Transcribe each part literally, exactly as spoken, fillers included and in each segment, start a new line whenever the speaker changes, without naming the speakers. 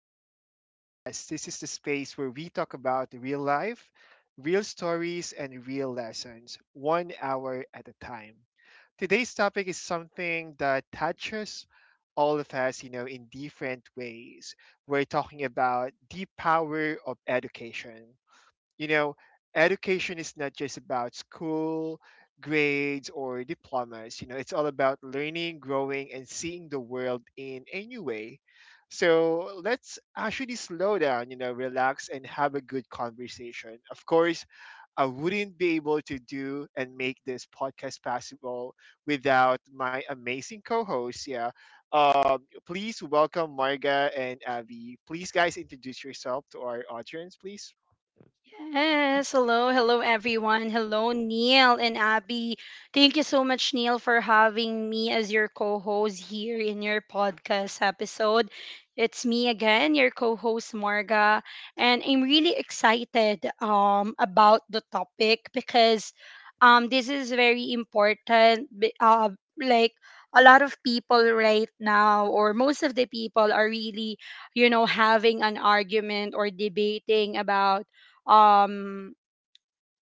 in an Hour podcast. This is the space where we talk about real life, real stories, and real lessons, one hour at a time. Today's topic is something that touches all of us, you know, in different ways. We're talking about the power of education. You know, education is not just about school, grades, or diplomas. You know, it's all about learning, growing, and seeing the world in a new way. So let's actually slow down, you know, relax and have a good conversation. Of course, I wouldn't be able to do and make this podcast possible without my amazing co-hosts. Yeah, um, please welcome Marga and Abby. Please, guys, introduce yourself to our audience, please.
Yes, hello, hello everyone. Hello, Neil and Abby. Thank you so much, Neil, for having me as your co host here in your podcast episode. It's me again, your co host, Marga, and I'm really excited um, about the topic because um, this is very important. B- Uh, like, a lot of people right now, or most of the people, are really, you know, having an argument or debating about um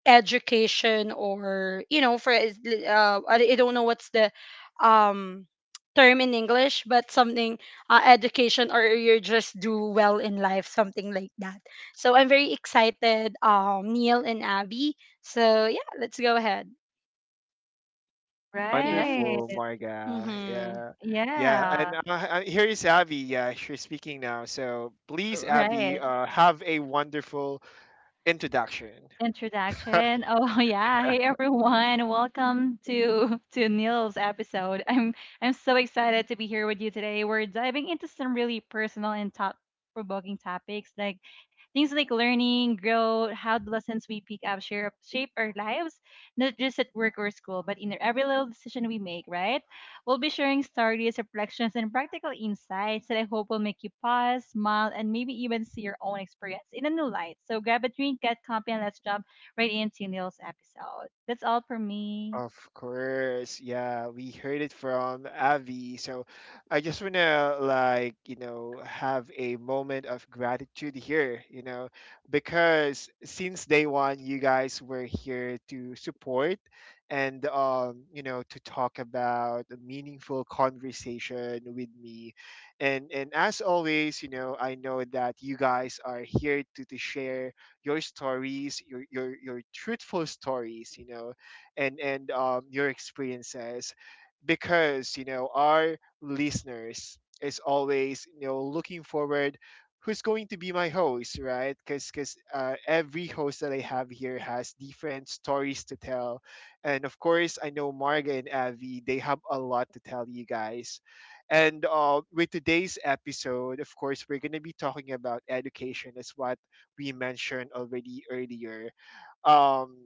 education or you know for is- uh, I I don't know what's the um term in English but something uh, education or you just do well in life something like that. So I'm very excited, um Neil and Abby. So yeah, let's go ahead.
Right.
Wonderful,
Yes.
Marga.
Mhm.
Yeah, yeah. And
Yeah.
uh, uh, here is Avi. Yeah, she's speaking now. So please, Avi,
Right.
uh, have a wonderful introduction.
Introduction. Oh yeah. Hey everyone. Welcome to to Neil's episode. I'm I'm so excited to be here with you today. We're diving into some really personal and top provoking topics like Things like learning, growth, how the lessons we pick up shape, shape our lives, not just at work or school, but in every little decision we make, right? We'll be sharing stories, reflections, and practical insights that I hope will make you pause, smile, and maybe even see your own experience in a new light. So grab a drink, get comfy, and let's jump right into Neil's episode. That's all for me.
Of course, yeah, we heard it from Avi. So I just want to, like, you know, have a moment of gratitude here, you know, because since day one, you guys were here to support and, um, you know, to talk about a meaningful conversation with me. And, and as always, you know, I know that you guys are here to, to share your stories, your, your, your truthful stories, you know and and um, your experiences because you know our listeners is always you know looking forward who's going to be my host, right? Because because uh, every host that I have here has different stories to tell. And of course I know marga and avi, they have a lot to tell you guys. And uh, with today's episode, of course we're going to be talking about education as what we mentioned already earlier. um,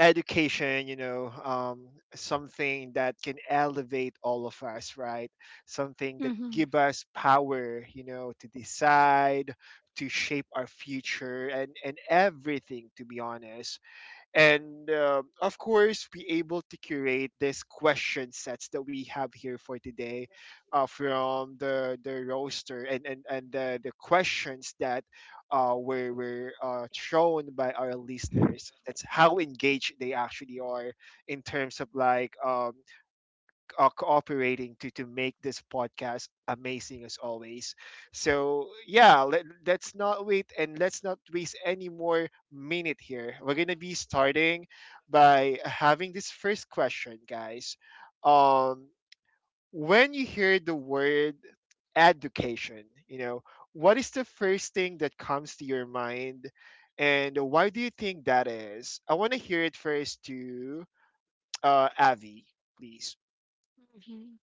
Education, you know um, something that can elevate all of us, right? Something that
Mhm.
give us power, you know to decide, to shape our future and and everything, to be honest. And um, of course be able to curate this question sets that we have here for today, uh, from the the roaster and and, and the, the questions that uh, were, were uh, shown by our listeners. That's how engaged they actually are in terms of like, um, uh, cooperating to to make this podcast amazing as always. So yeah, let, let's not wait and let's not waste any more minute here. We're gonna be starting by having this first question, guys. Um, when you hear the word education, you know, what is the first thing that comes to your mind? And why do you think that is? I want to hear it first to, uh, Avi, please.
Mhm.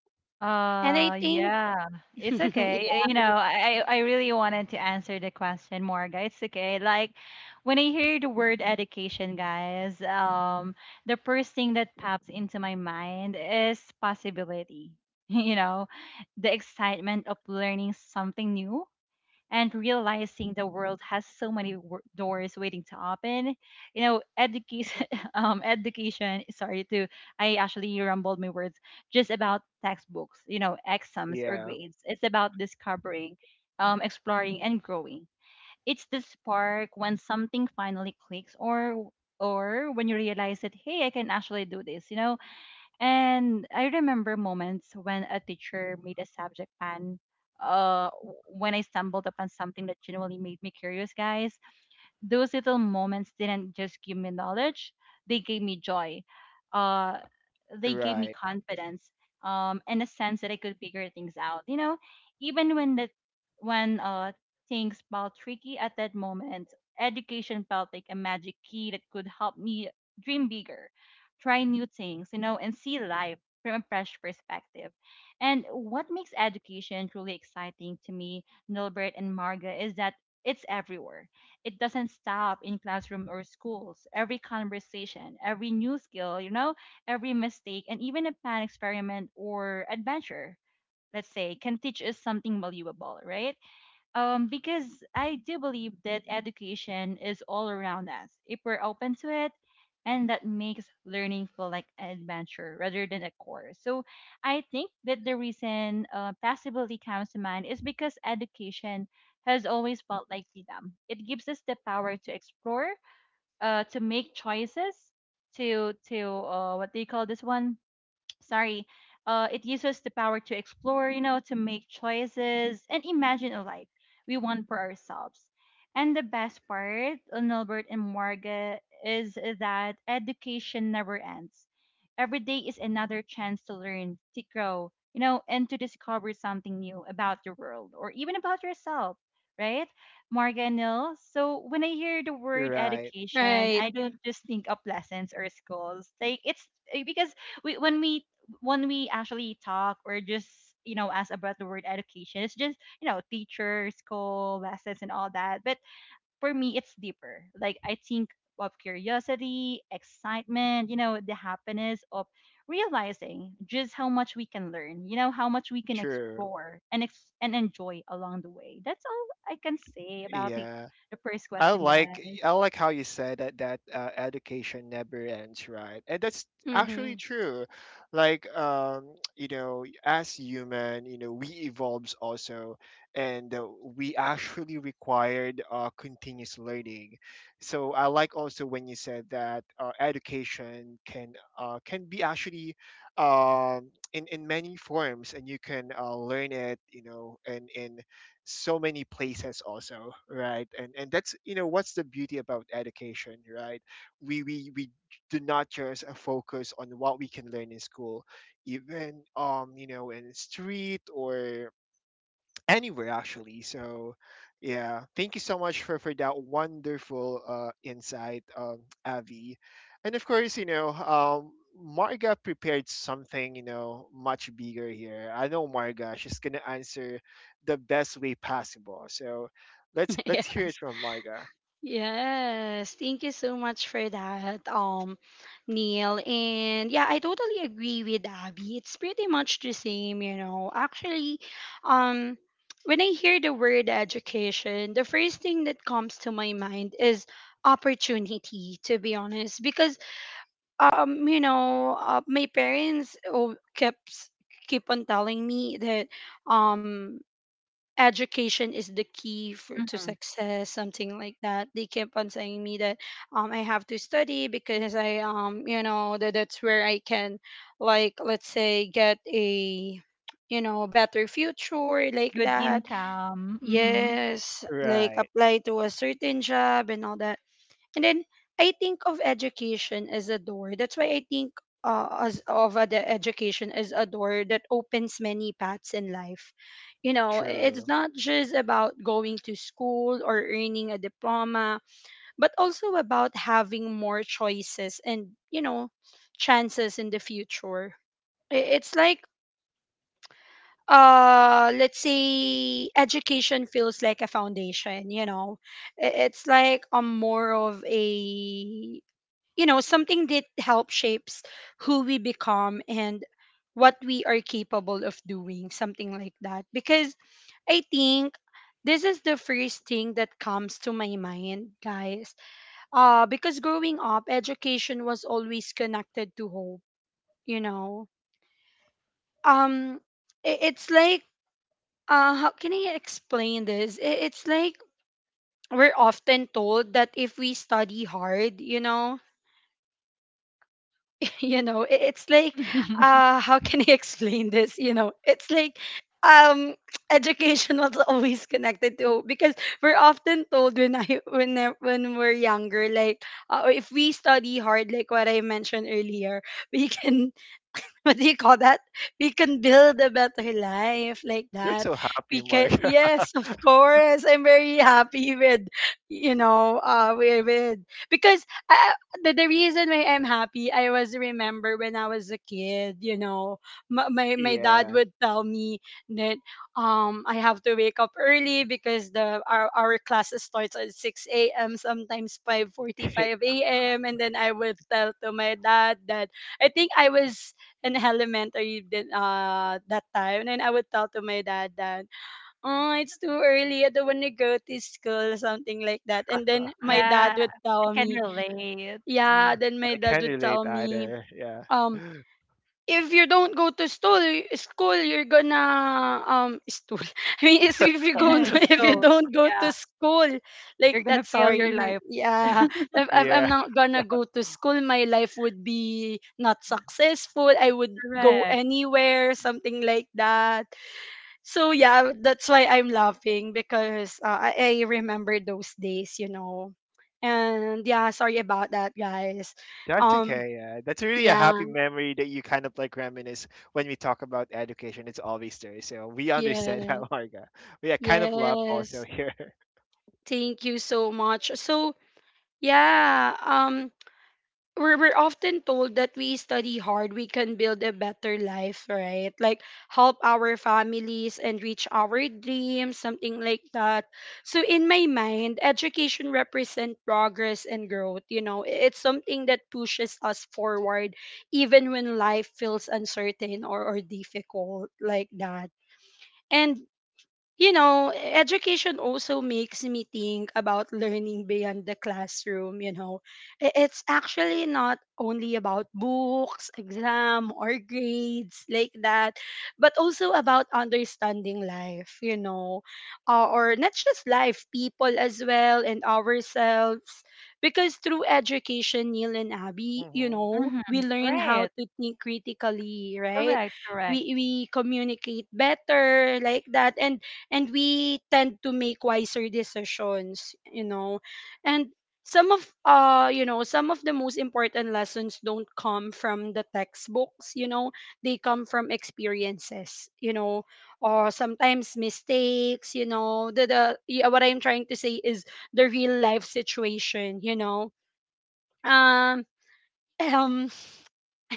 And I
Uh,
think,
yeah, it's okay.
yeah,
Uh, You know, I I I really wanted to answer the question, more, guys. It's okay. Like when I hear the word education, guys, um, the first thing that pops into my mind is possibility. You know, the excitement of learning something new and realizing the world has so many w- doors waiting to open, you know. Education um education sorry, to I actually rumbled my words. Just about textbooks, you know, exams or
Yeah,
grades, it's about discovering, um, exploring and growing. It's the spark when something finally clicks or or when you realize that, hey, I can actually do this, you know. And I remember moments when a teacher made a subject plan. Uh, w- when I stumbled upon something that genuinely made me curious, guys, those little moments didn't just give me knowledge, they gave me joy. Uh, they gave me
right.
confidence, um, and a sense that I could figure things out. You know, even when the when uh, things felt tricky at that moment, education felt like a magic key that could help me dream bigger, try new things, you know, and see life from a fresh perspective. And what makes education truly exciting to me, Nilbert and Marga, is that it's everywhere. It doesn't stop in classroom or schools. Every conversation, every new skill, you know, every mistake, and even a planned experiment or adventure, let's say, can teach us something valuable, right? Um, because I do believe that education is all around us if we're open to it, and that makes learning feel like an adventure rather than a course. So I think that the reason uh, possibility comes to mind is because education has always felt like freedom. It gives us the power to explore, uh, to make choices, to to uh, what do you call this one? Sorry. Uh, it gives us the power to explore, you know, to make choices and imagine a life we want for ourselves. And the best part, on and Morga, is that education never ends. Every day is another chance to learn, to grow, you know, and to discover something new about the world or even about yourself, right, Morga and Nil? So when I hear the word
Right.
education,
right.
I don't just think of lessons or schools. Like it's eh, because we when we when we actually talk or just, you know, ask about the word education, it's just, you know, teacher, school, lessons, and all that. But for me it's deeper. Like, I think of curiosity, excitement, you know, the happiness of realizing just how much we can learn, you know, how much we can
True.
explore and ex- and enjoy along the way. That's all I can say about the,
Yeah.
the first
I
question,
like
guys.
I like how you said that that uh, education never ends, right? And that's
Mhm.
actually true. Like, um, you know, as human, you know, we evolves also, and uh, we actually required uh, continuous learning. So I like also when you said that uh, education can uh, can be actually, um, in in many forms, and you can, uh, learn it, you know, in in so many places also, right? And and that's, you know what's the beauty about education, right? We we we do not just, uh, focus on what we can learn in school, even, um you know in street or anywhere actually. So, yeah, thank you so much for for that wonderful, uh, insight, um, Avi. And of course, you know, um, Marga prepared something, you know, much bigger here. I know Marga; she's gonna answer the best way possible. So, let's let's hear it
yes.
from Marga.
Yes, thank you so much for that, um, Neil. And yeah, I totally agree with Abby. It's pretty much the same, you know. Actually, um, when I hear the word education, the first thing that comes to my mind is opportunity, to be honest, because um, you know, uh, my parents oh, kept s- keep on telling me that um education is the key for to
Mhm.
success something like that. They keep on saying me that um I have to study because i um you know that that's where I can, like let's say, get a you know better future like
Good
that.
income. Hmm.
Yes, like
Right,
apply to a certain job and all that. And then I think of education as a door. That's why I think uh, as of uh, the education as a door that opens many paths in life. You know, it's
true.
not just about going to school or earning a diploma, but also about having more choices and, you know, chances in the future. I- It's like, uh let's say, education feels like a foundation, you know. I- it's like a more of a, you know, something that helps shapes who we become and what we are capable of doing, something like that. Because I think this is the first thing that comes to my mind, guys. Uh because growing up, education was always connected to hope, you know. Um i- it's like, uh how can I explain this? I- it's like, we're often told that if we study hard, you know. You know, it, it's like, uh how can I explain this? You know, it's like, um education was always connected to, because we're often told when i when I- when we're younger, like, uh, if we study hard, like what I mentioned earlier, we can what do you call that? We can build a better life like
You're
that.
so happy,
We can,
Marga.
yes, of course. I'm very happy with, you know, uh, with, with because I, the, the reason why I'm happy, I was remember when I was a kid, you know, my, my, my dad
yeah,
would tell me that um I have to wake up early because the our, our classes starts at six a m, sometimes
I
five forty-five a m And then I would tell to my dad that I think I was in elementary then, uh, that time. And I would tell to my dad that, oh, it's too early. I don't want to go to school, something like that. And then my dad
Yeah,
would
I
tell
can
me,
relate.
yeah. Then my dad
can
would
relate
tell me,
either. Yeah.
um, if you don't go to school, school you're gonna um school. I mean, it's if you go to, if you
School.
don't go
Yeah.
to school, like
You're
that.
gonna fail your
Sorry, may-
life.
yeah. If, if
Yeah.
I'm not gonna go to school, my life would be not successful. I would go
Correct.
anywhere, something like that. So yeah, that's why I'm laughing because uh, I, I remember those days, you know. And yeah, sorry about that, guys.
That's
Um,
okay. Yeah. That's really a
yeah,
happy memory that you kind of like reminisce when we talk about education. It's always there. So we understand that,
yeah.
Marga. We are kind of love also
Yes,
here.
thank you so much. So, yeah, um we're we're often told that we study hard, we can build a better life, right? Like help our families and reach our dreams, something like that. So in my mind, education represents progress and growth, you know. I- It's something that pushes us forward even when life feels uncertain or, or difficult like that. And you know, education also makes me think about learning beyond the classroom, you know. I- It's actually not only about books, exam, or grades like that, but also about understanding life, you know, uh, or not just life, people as well, and ourselves. Because through education, Neil and Abby, you
Hmm.
know,
Mm-hmm.
we learn
Right.
how to think critically, right?
Correct.
We,
Correct.
we communicate better like that. And and we tend to make wiser decisions, you know. And some of uh you know some of the most important lessons don't come from the textbooks, you know. They come from experiences, you know, or sometimes mistakes. You know, the the yeah, what I'm trying to say is the real life situation, you know. Um um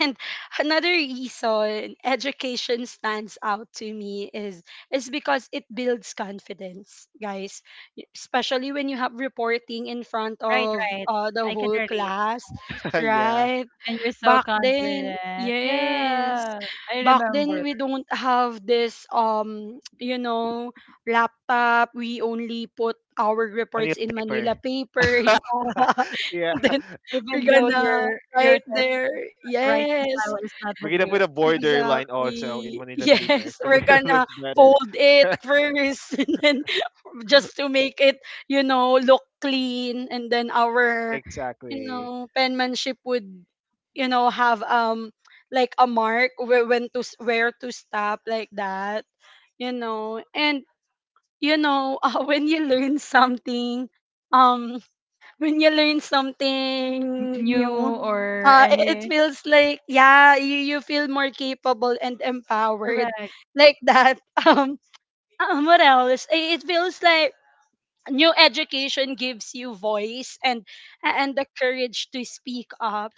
and another reason education stands out to me is is because it builds confidence, guys. Y- Especially when you have reporting in front
Right.
of
Right.
uh, the
I can
whole
relate.
class,
Yeah.
right?
And you're so
Back then,
confident.
yes.
Yeah. I
Back then
remember.
we don't have this, um, you know, laptop. We only put our
Manila
reports in Manila
paper.
paper. Yeah.
Yeah.
Then we're
Even though
gonna
your your
right
type
there.
writing
Yes.
style is not
We're
that
going to
good,
put a borderline also in
Exactly.
Manila paper
Yes,
to
we're
make it look
gonna
better.
fold it first and then just to make it, you know, look clean. And then our, you
Exactly.
know, penmanship would, you know, have um like a mark where when to s- where to stop like that, you know. And you know, uh, when you learn something, um when you learn
you
something
know, n- new
new,
or
uh i- it
any.
feels like, yeah, you you feel more capable and empowered
Correct.
like that. Um um, what else? I- It feels like new education gives you voice and and the courage to speak up,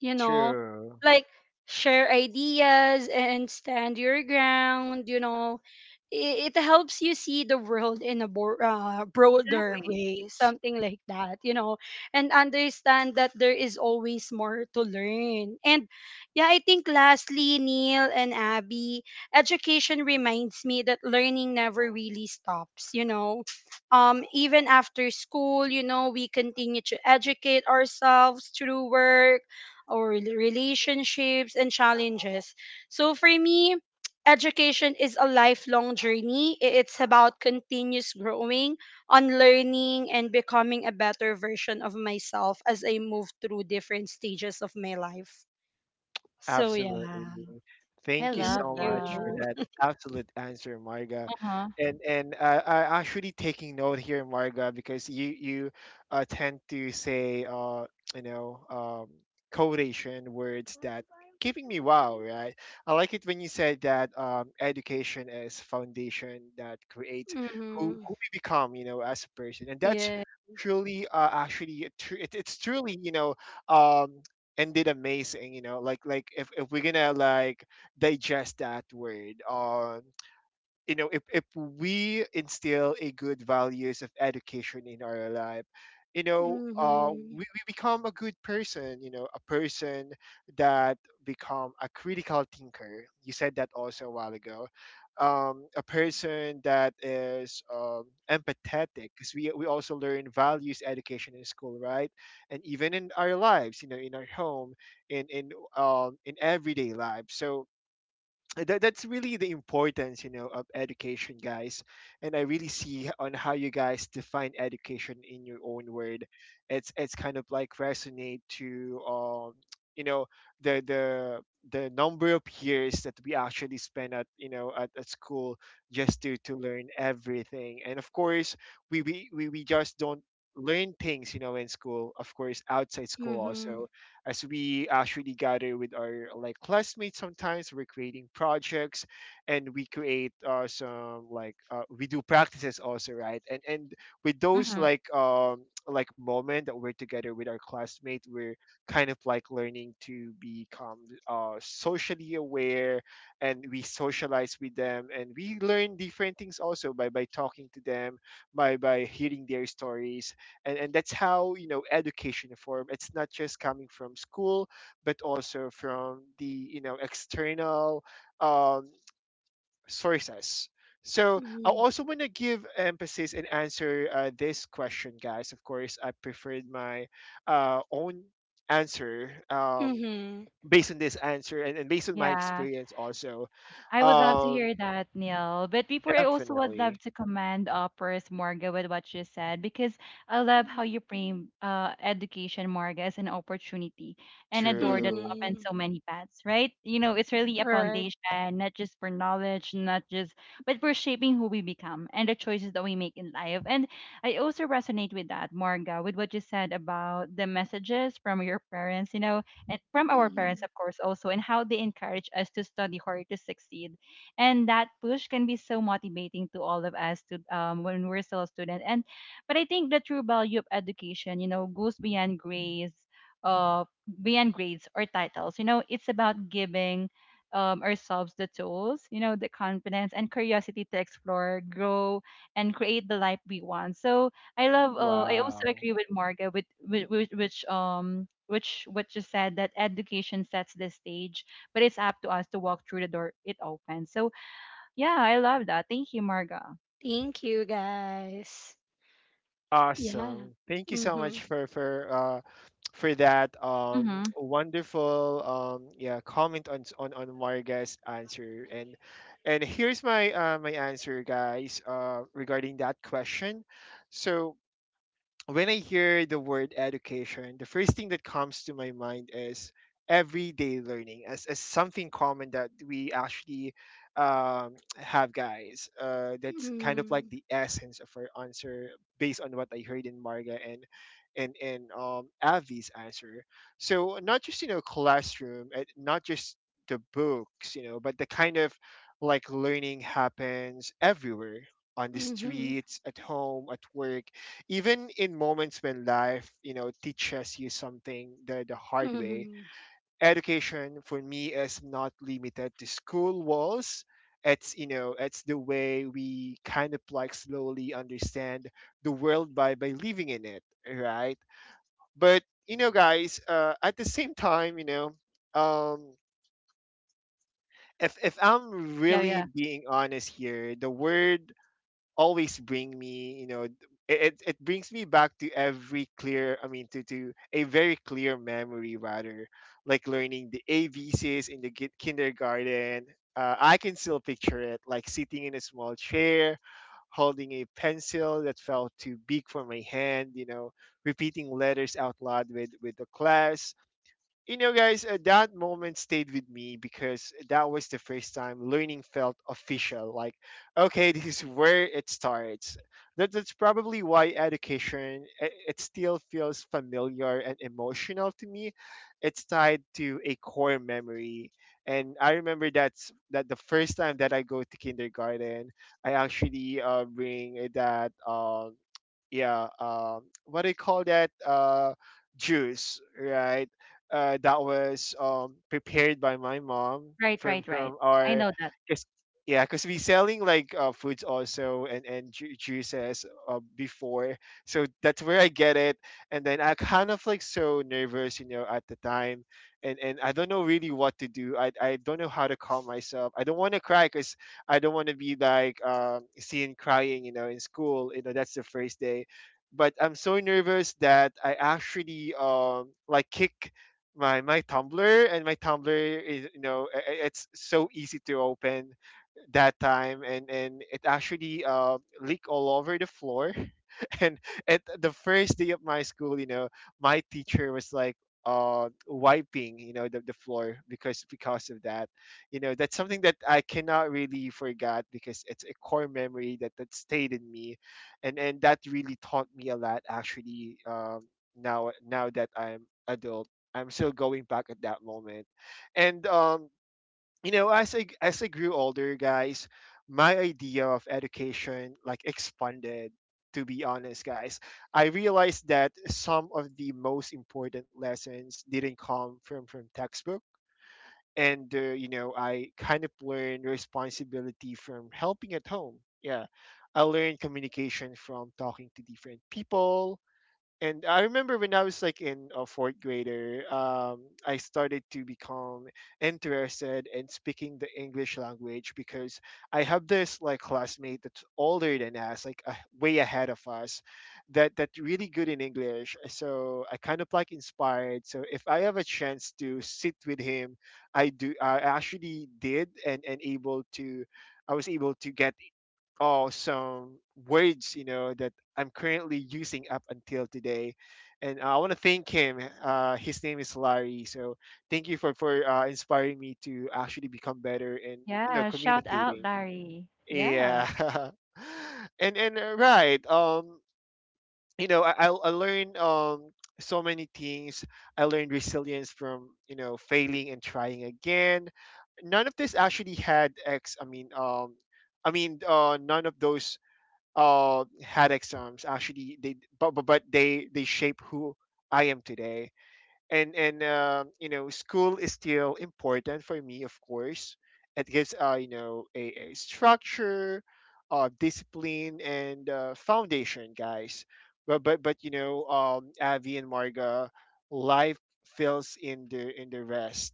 you know,
True.
like share ideas and stand your ground, you know. it, it helps you see the world in a bro- uh, broader
Exactly.
way something like that, you know. And understand that there is always more to learn. And yeah, I think lastly, Neil and Abby, education reminds me that learning never really stops, you know. Um even after school, you know, we continue to educate ourselves through work or relationships and challenges. So for me, education is a lifelong journey. I- It's about continuous growing, unlearning, and becoming a better version of myself as I move through different stages of my life. So yeah,
Absolutely.
I
Thank you
thank
love
so
you.
much for
that.
that absolute answer, Marga.
Uh huh.
And and uh, I actually taking note here, Marga, because you you uh, tend to say, uh you know um codation words that keeping me wow, right? I like it when you said that, um education is foundation that creates who
Mm-hmm.
who we become, you know, as a person, and that's
Yeah.
truly, uh, actually a tru- it, it's truly, you know um and did amazing, you know like like if, if we're gonna like digest that word. Um you know, if, if we instill a good values of education in our life, you know, uh,
Mm-hmm.
we, we become a good person, you know, a person that become a critical thinker, you said that also a while ago. Um, a person that is, um, empathetic, because we, we also learn values education in school, right? And even in our lives, you know, in our home, in in um, in everyday life. So that, that's really the importance, you know of education, guys. And I really see on how you guys define education in your own word. It's it's kind of like resonate to, um you know the the the number of years that we actually spend at, you know at, at school, just to to learn everything. And of course we we, we, we just don't learn things, you know, in school, of course outside school
Mm-hmm.
also, as we actually gather with our like classmates. Sometimes we're creating projects and we create, uh, some like uh, we do practices also, right? And and with those
Mm-hmm.
like, um like moment that we're together with our classmate, we're kind of like learning to become, uh socially aware. And we socialize with them and we learn different things also by by talking to them, by by hearing their stories. And, and that's how, you know education form. It's not just coming from school, but also from the, you know external, um, sources. So I
Mm-hmm.
also want to give emphasis and answer, uh, this question, guys. Of course I preferred my, uh, own answer, um,
Mm-hmm.
based on this answer, and, and based on my
Yeah.
experience also.
I would love to
um,
hear that, Neil. But before, I also would love
Definitely
to commend, uh, first, Morga with what you said, because I love how you frame, uh, education, Morga, as an opportunity and a door that
true.
opens
Mm-hmm.
so many paths, right? You know, it's really a
Right.
foundation, not just for knowledge, not just, but for shaping who we become and the choices that we make in life. And I also resonate with that, Morga, with what you said about the messages from your parents, you know, and from our parents,
Mm-hmm.
of course, also, and how they encourage us to study hard to succeed. And that push can be so motivating to all of us to um, when we're still a student. And but I think the true value of education, you know, goes beyond grades, uh, beyond grades or titles. You know, it's about giving, um, ourselves the tools, you know, the confidence and curiosity to explore, grow, and create the life we want. So I love. Uh, I also
Wow,
agree with Marga with, with, with which um which what you said, that education sets the stage, but it's up to us to walk through the door it opens. So yeah, I love that. Thank you, Marga.
Thank you, guys. Yeah.
awesome. Thank you so
Mhm.
much for for uh, for that, um
Mm-hmm.
wonderful, um yeah, comment on s- on on Marga's answer. And and here's my, uh, my answer, guys, uh regarding that question. So when I hear the word education, the first thing that comes to my mind is everyday learning, as, as something common that we actually, um, have, guys. Uh, that's kind of
Mm.
like the essence of our answer, based on what I heard in Marga and and and um, Avi's answer. So not just, you know, classroom, and not just the books, you know, but the kind of like learning happens everywhere: on the
Mhm.
streets, at home, at work, even in moments when life, you know, teaches you something the, the hard way.
Mhm.
Education for me is not limited to school walls. It's, you know, it's the way we kind of like slowly understand the world by by living in it, right? But you know, guys, uh, at the same time, you know, um, if if I'm
Yeah,
really
yeah.
being honest here, the word always bring me, you know it, it it brings me back to every clear I mean to to a very clear memory rather, like learning the A B C's in the ki- kindergarten. Uh, I can still picture it, like sitting in a small chair, holding a pencil that felt too big for my hand, you know, repeating letters out loud with with the class. You know, guys, uh, that moment stayed with me because that was the first time learning felt official. Like, okay, this is where it starts. That, that's probably why education, it, it still feels familiar and emotional to me. It's tied to a core memory, and I remember that's that the first time that I go to kindergarten. I actually uh, bring that um yeah, um what do you call that, uh juice, right? Uh, that was um, prepared by my mom
Right,
from
right, right.
from
I
our
know that.
cause, yeah, because we selling like uh, foods also, and and ju- juices uh, before, so that's where I get it. And then I kind of like so nervous you know at the time, and and I don't know really what to do. I I don't know how to calm myself. I don't want to cry because I don't want to be like um, seen crying you know in school. You know that's the first day. But I'm so nervous that I actually um like kick my my Tumblr, and my Tumblr is you know i- i- it's so easy to open that time, and and it actually uh leak all over the floor, and at the first day of my school, you know, my teacher was like uh wiping you know the, the floor because because of that. You know that's something that I cannot really forget because it's a core memory that that stayed in me. And and that really taught me a lot actually. um now now that I'm adult, I'm still going back at that moment, and um you know, as I as I grew older, guys, my idea of education like expanded. To be honest, guys, I realized that some of the most important lessons didn't come from from textbook, and uh, you know, I kind of learned responsibility from helping at home. Yeah, I learned communication from talking to different people. And I remember when I was like in a fourth grader, um, I started to become interested in speaking the English language, because I have this like classmate that's older than us, like uh, way ahead of us, that that really good in English. So I kind of like inspired. So if I have a chance to sit with him, I do. I actually did, and and able to. I was able to get all some words you know that I'm currently using up until today, and uh, I want to thank him. Uh, his name is Larry. So thank you for for uh, inspiring me to actually become better in you know
Yeah. Shout out,
communicating.
Larry. Yeah.
Yeah, and and uh, right. Um, you know, I I I learned um so many things. I learned resilience from you know failing and trying again. None of this actually had ex. I mean um. I mean, uh, none of those uh had exams actually they, but but, but they they shape who I am today, and and um, you know school is still important for me, of course. It gives uh, you know a, a structure, uh, discipline, and uh, foundation, guys, but but but you know um, Avi and Marga, life fills in the in the rest.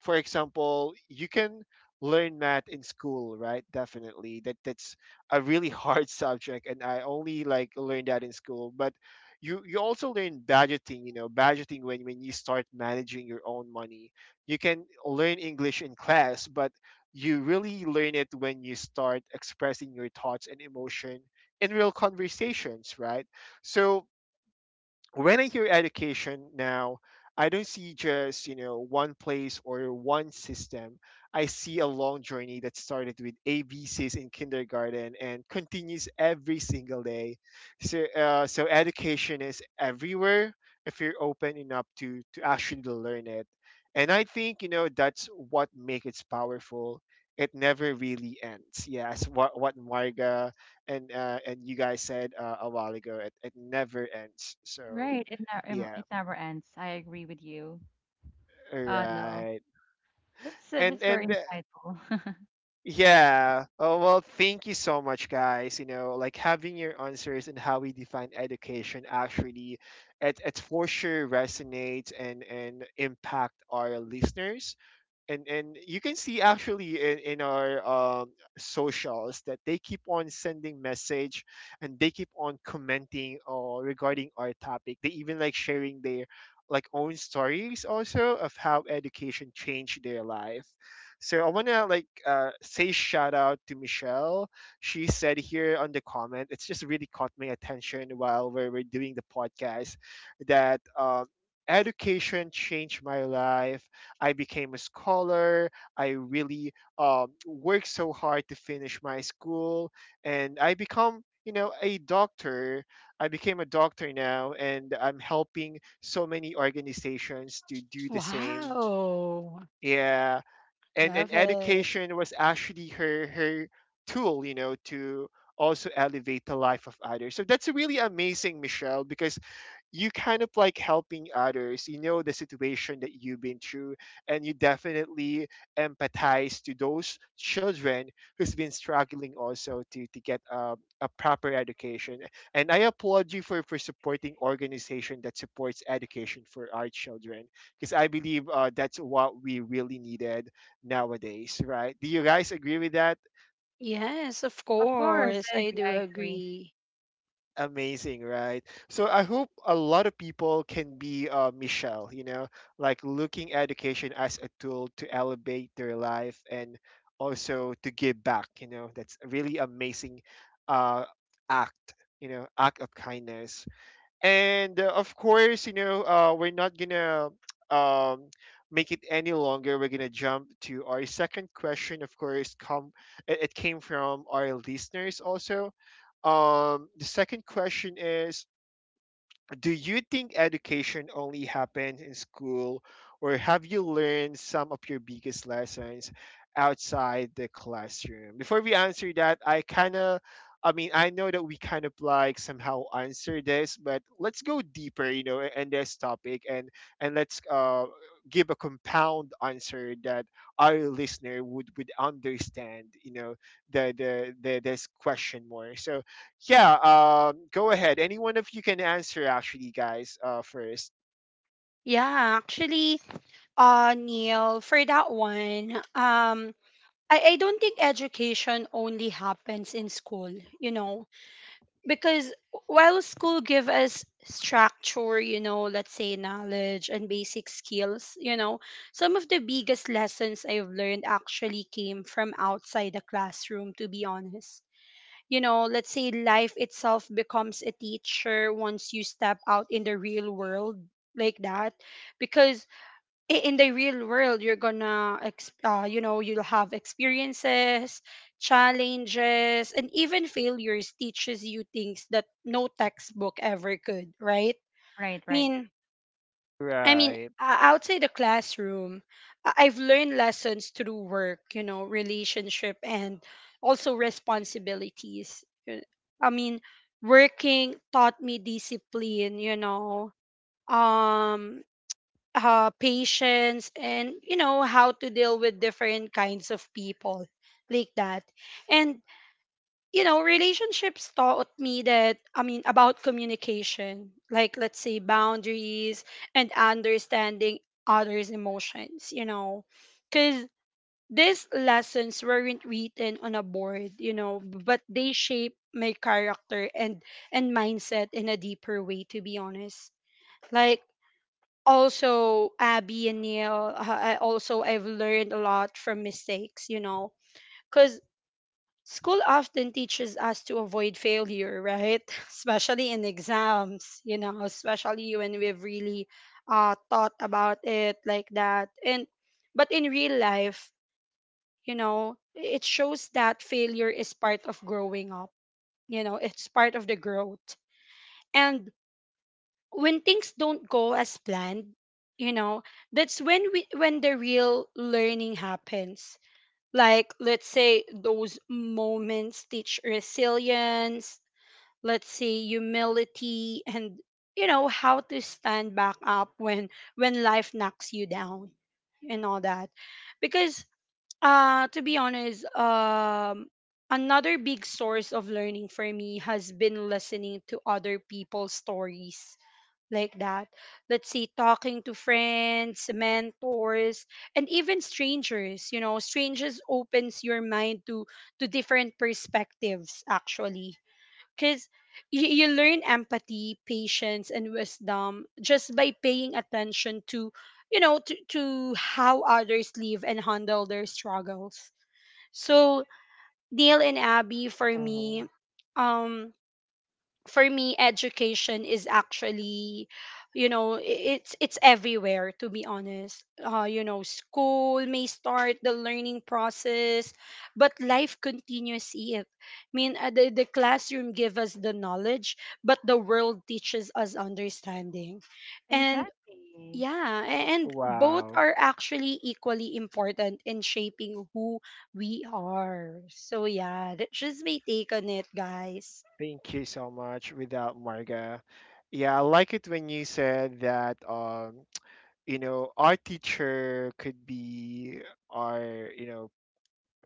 For example, you can learn math in school, right? Definitely, that that's a really hard subject, and I only like learned that in school, but you you also learn budgeting, you know budgeting when when you start managing your own money. You can learn English in class, but you really learn it when you start expressing your thoughts and emotion in real conversations, right? So when I hear education now, I don't see just, you know, one place or one system. I see a long journey that started with A B C's in kindergarten and continues every single day. So, uh, so education is everywhere if you're open enough to, to actually learn it. And I think, you know, that's what makes it powerful. It never really ends. Yeah, as what, what Marga and uh, and you guys said uh, a while ago, it, it never ends, so
Right. It never,
yeah,
it never ends. I agree with you.
all
Uh, no.
right,
That's, uh,
and
that's very
and uh,
insightful.
yeah. Oh well, thank you so much, guys. You know like having your answers, and how we define education actually, it, it for sure resonates and and impact our listeners, and and you can see actually in, in our um, socials that they keep on sending message, and they keep on commenting or regarding our topic. They even like sharing their like own stories also of how education changed their life. So I want to like uh, say shout out to Michelle. She said here on the comment, it's just really caught my attention while we were doing the podcast, that um, education changed my life. I became a scholar. I really um, worked so hard to finish my school, and I become you know a doctor. I became a doctor now, and I'm helping so many organizations to do the same.
Wow.
Yeah, and and
Love it.
education was actually her her tool, you know, to also elevate the life of others. So that's really amazing, Michelle, because you kind of like helping others. You know the situation that you've been through, and you definitely empathize to those children who's been struggling also to to get a, a proper education. And I applaud you for for supporting organization that supports education for our children, because I believe uh, that's what we really needed nowadays, right? Do you guys agree with that?
Yes, of
Of course,
course.
I
I
agree.
do
I agree.
agree.
Amazing, right? So I hope a lot of people can be uh, Michelle, you know, like looking at education as a tool to elevate their life and also to give back. You know, that's a really amazing uh, act, you know, act of kindness. And uh, of course, you know, uh, we're not gonna um, make it any longer. We're gonna jump to our second question, of course. Come it it came from our listeners also. Um, the second question is: do you think education only happens in school, or have you learned some of your biggest lessons outside the classroom? Before we answer that, I kind of I mean, I know that we kind of like somehow answer this, but let's go deeper, you know, in this topic, and and let's uh, give a compound answer that our listener would would understand, you know, the the, the this question more. So yeah, um, go ahead. Anyone of you can answer, actually, guys, uh, first.
Yeah, actually, uh, Neil, for that one, um, I, I don't think education only happens in school, you know. Because while school give us structure, you know, let's say knowledge and basic skills, you know, some of the biggest lessons I've learned actually came from outside the classroom, to be honest. You know, let's say life itself becomes a teacher once you step out in the real world like that. Because i- in the real world you're gonna ex- uh, you know you'll have experiences, challenges, and even failures teaches you things that no textbook ever could, right?
Right,
i
right.
mean i mean
Right.
o- Outside the classroom, I- I've learned lessons through work, you know, relationship, and also responsibilities. Y- i mean Working taught me discipline, you know, um uh, patience, and you know how to deal with different kinds of people like that. And you know, relationships taught me that, I mean, about communication, like let's say boundaries and understanding others emotions, you know. Because these lessons weren't written on a board, you know, but they shape my character and and mindset in a deeper way, to be honest. Like, also Abby and Neil, uh, I also I've learned a lot from mistakes, you know. Because school often teaches us to avoid failure, right? Especially in exams, you know, especially when we've really uh, thought about it like that. And but in real life, you know, it shows that failure is part of growing up, you know. It's part of the growth. And when things don't go as planned, you know, that's when we when the real learning happens. Like let's say those moments teach resilience, let's say humility, and you know how to stand back up when when life knocks you down and all that. Because uh to be honest, um another big source of learning for me has been listening to other people's stories like that. Let's see, talking to friends, mentors, and even strangers. You know, strangers opens your mind to to different perspectives actually. Cause you, you learn empathy, patience, and wisdom just by paying attention to you know to, to how others live and handle their struggles. So Neil and Abby, for
Hmm.
me, um for me education is actually, you know i- it's it's everywhere, to be honest. Uh you know, school may start the learning process, but life continues it. I mean uh, the, the classroom give us the knowledge, but the world teaches us understanding. And
Exactly.
yeah, a- and both
Wow.
are actually equally important in shaping who we are. So yeah, that's just my take on it, guys.
Thank you so much. Without Marga. Yeah, I like it when you said that, um, you know, our teacher could be our, you know,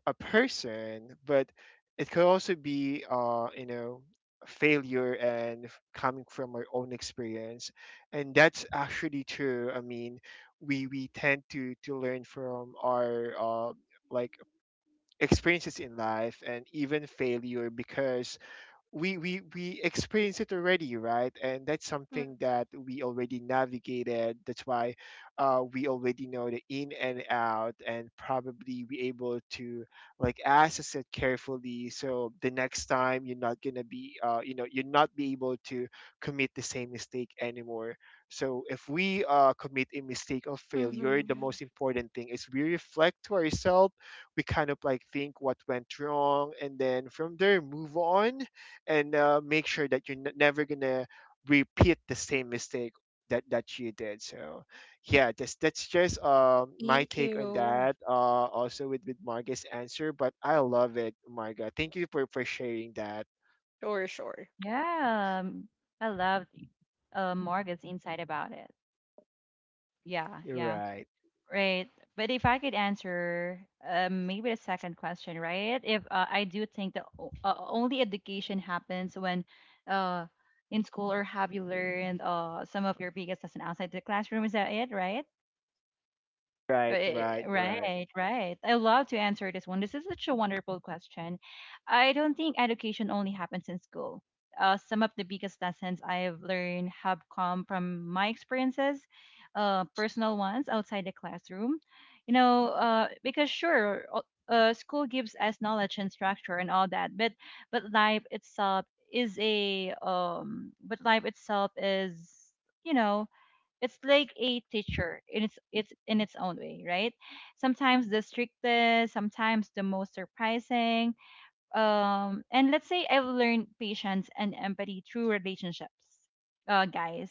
a person, but it could also be, uh, you know, failure and f- coming from our own experience, and that's actually true. I mean, we we tend to to learn from our uh, like experiences in life and even failure, because we we we experience it already, right? And that's something that we already navigated, that's why uh, we already know the in and out and probably be able to like assess it carefully, so the next time you're not gonna be uh, you know you're not be able to commit the same mistake anymore. So if we uh, commit a mistake of
Mm-hmm.
failure, the most important thing is we reflect to ourselves. We kind of like think what went wrong, and then from there, move on, and uh, make sure that you're n- never gonna repeat the same mistake that that you did. So yeah, that's that's just um my
Thank
take on
you.
that. Uh, also with with Marga's answer, but I love it, Marga. Thank you for for sharing that.
Sure, sure.
Yeah, um, I love, uh, Morgan's insight about it. Yeah, yeah,
Right,
right. But if I could answer, uh, maybe the second question, right? If, uh, I do think that o- uh, only education happens when, uh, in school, or have you learned, uh, some of your biggest lesson outside the classroom, is that it, right?
right,
Right,
right, right.
right, right. I love to answer this one. This is such a wonderful question. I don't think education only happens in school. Uh, some of the biggest lessons I've learned have come from my experiences, uh, personal ones outside the classroom. You know, uh, because sure, o- uh, school gives us knowledge and structure and all that, but but life itself is a um, but life itself is, you know, it's like a teacher in its it's in its own way, right? Sometimes the strictest, sometimes the most surprising. Um, and let's say I've learned patience and empathy through relationships, uh, guys.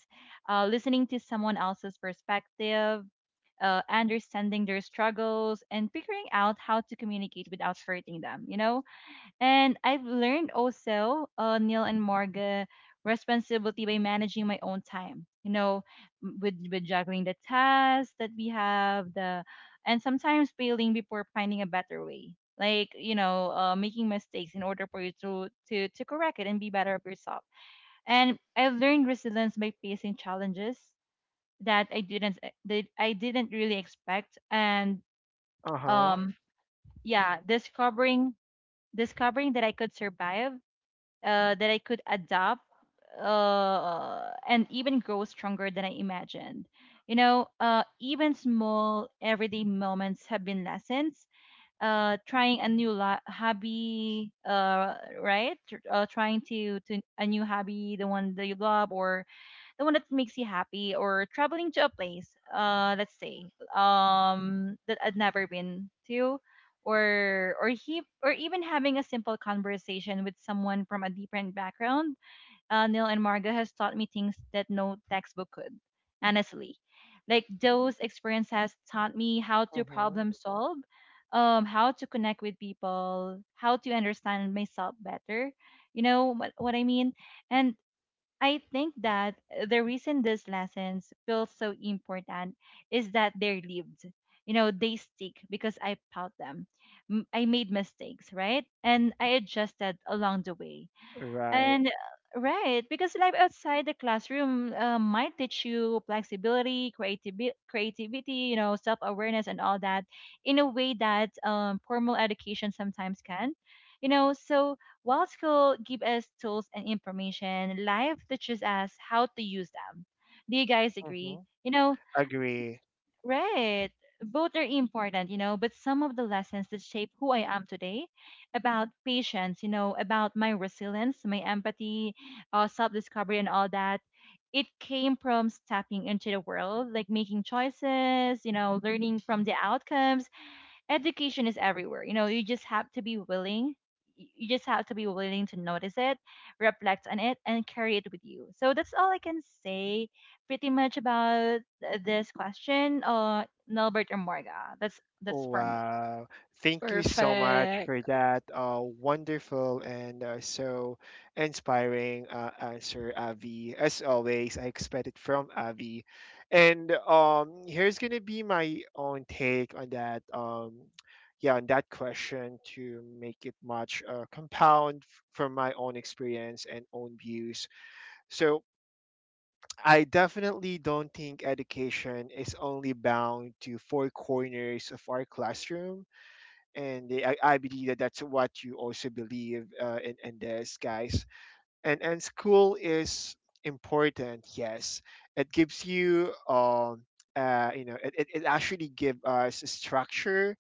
Uh, listening to someone else's perspective, uh, understanding their struggles, and figuring out how to communicate without hurting them. You know, and I've learned also, uh, Neil and Morga, responsibility by managing my own time. You know, m- with with juggling the tasks that we have, the and sometimes failing before finding a better way. Like, you know, uh, making mistakes in order for you to to to correct it and be better of yourself. And I've learned resilience by facing challenges that I didn't e- that I didn't really expect. And,
Uh huh.
um, yeah, discovering discovering that I could survive, uh, that I could adapt, uh, and even grow stronger than I imagined. You know, uh, even small everyday moments have been lessons. Uh, trying a new lo- hobby, uh, right? Tr- Uh, trying to to a new hobby, the one that you love, or the one that makes you happy, or traveling to a place, uh let's say, um, that I'd never been to, or or he or even having a simple conversation with someone from a different background, uh, Neil and Marga, has taught me things that no textbook could, honestly. Like, those experiences has taught me how
Uh
to
huh.
problem solve, um, how to connect with people, how to understand myself better, you know what, what I mean. And I think that, uh, the reason these lessons feel so important is that they're lived. You know, they stick because I felt them. M- I made mistakes, right? And I adjusted along the way.
Right.
And, uh, right, because life outside the classroom, uh, might teach you flexibility, creativity, creativity, you know, self-awareness and all that, in a way that, um, formal education sometimes can. You know, so while school give us tools and information, life teaches us how to use them. Do you guys
Uh huh.
agree? You know,
Agree.
right. Both are important, you know, but some of the lessons that shape who I am today, about patience, you know, about my resilience, my empathy, uh, self discovery, and all that, it came from stepping into the world, like making choices, you know, learning from the outcomes. Education is everywhere. You know, you just have to be willing. y- You just have to be willing to notice it, reflect on it, and carry it with you. So that's all I can say pretty much about th- this question, uh, Nelbert or Morga. That's that's for me.
Wow. Thank you so much
Perfect.
for that uh, wonderful and uh, so inspiring uh, answer, Avi. As always, I expect it from Avi. And um, here's going to be my own take on that. Um, yeah, on that question, to make it much uh, compound f- from my own experience and own views. So I definitely don't think education is only bound to four corners of our classroom, and they, I, I believe that that's what you also believe uh, in, in this, guys. And and school is important, yes. It gives you um uh, you know it, it, it actually give us structure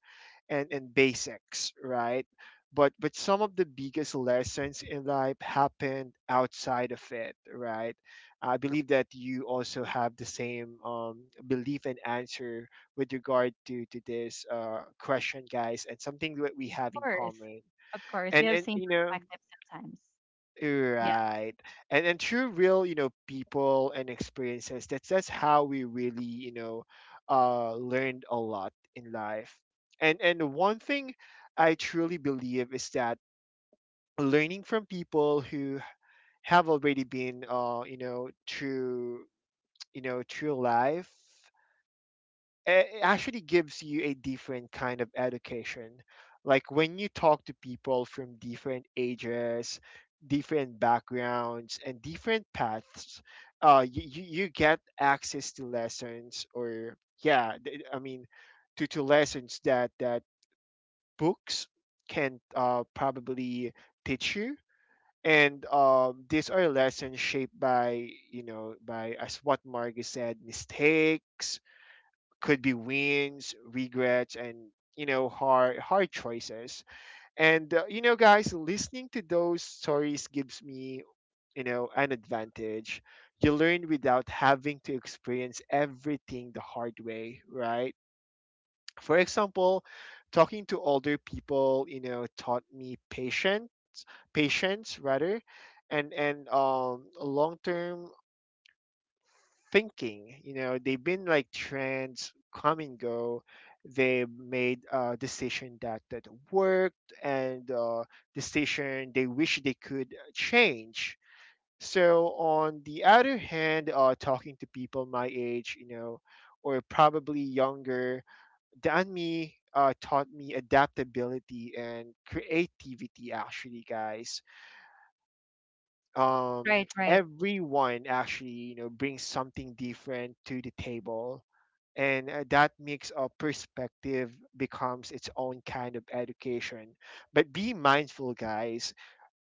and and basics, right? But but some of the biggest lessons in life happened outside of it, right? I believe that you also have the same um, belief and answer with regard to to this uh, question, guys, and something that we have
Of
in
course,
common.
of course, we
And
have
and
same
you know.
perspective sometimes. Yeah.
Right. And and through real, you know, people and experiences, that's that's how we really, you know, uh learned a lot in life. And and one thing I truly believe is that learning from people who have already been uh, you know, through you know, through life, eh, it actually gives you a different kind of education. Like when you talk to people from different ages, different backgrounds, and different paths, uh, you, you, you get access to lessons, or yeah, th- I mean, to, to lessons that, that books can uh, probably teach you. And um, these are lessons shaped by, you know, by as what Margie said, mistakes, could be wins, regrets, and you know hard hard choices. And uh, you know, guys, listening to those stories gives me you know an advantage. You learn without having to experience everything the hard way, right? For example, talking to older people, you know, taught me patient patience rather, and and um long term thinking. You know, they've been like trends come and go. They made a decision that that worked, and uh, decision they wish they could uh, change. So on the other hand, uh, talking to people my age, you know, or probably younger than me, uh, taught me adaptability and creativity. Actually, guys um,
Right. Right.
everyone actually you know brings something different to the table and uh, that makes a perspective becomes its own kind of education. But be mindful guys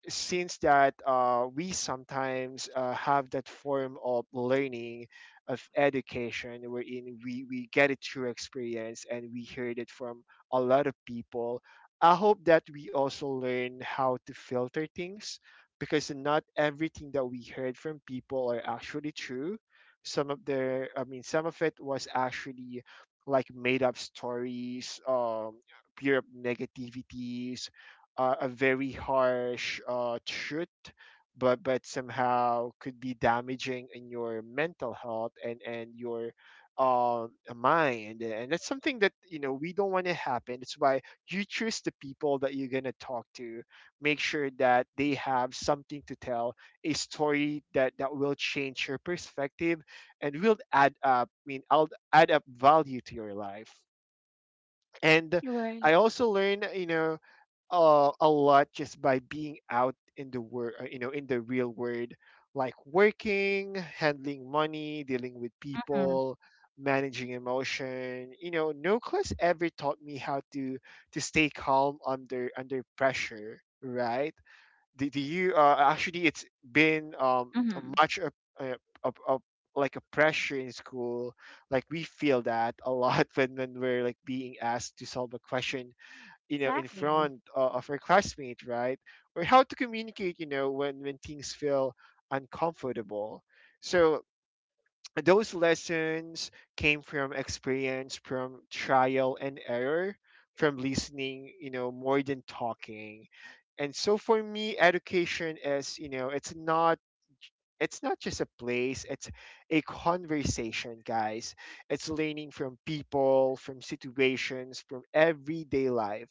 since that uh, we sometimes uh, have that form of learning of education wherein we, we get it through experience and we heard it from a lot of people. I hope that we also learn how to filter things because not everything that we heard from people are actually true. Some of their, I mean some of it was actually like made up stories, um pure up negativities, uh, a very harsh uh, truth, but but somehow could be damaging in your mental health and and your um mind. And that's something that you know we don't want to happen. It's why you choose the people that you're going to talk to. Make sure that they have something to tell, a story that that will change your perspective and will add up, I mean I'll add up value to your life. And
Right.
I also learned, you know, uh, a lot just by being out in the world, you know, in the real world, like working, handling money, dealing with
Mm-hmm.
people, managing emotion. You know, no class ever taught me how to to stay calm under under pressure, right? Do, do you uh, actually? It's been um a
Mm-hmm.
much a, a, a, a like a pressure in school. Like we feel that a lot when when we're like being asked to solve a question, you know, in
Exactly.
front uh, of your classmate, right? Or how to communicate, you know, when when things feel uncomfortable. So those lessons came from experience, from trial and error, from listening, you know, more than talking. And so for me education is, you know, it's not, it's not just a place, it's a conversation guys. It's learning from people, from situations, from everyday life.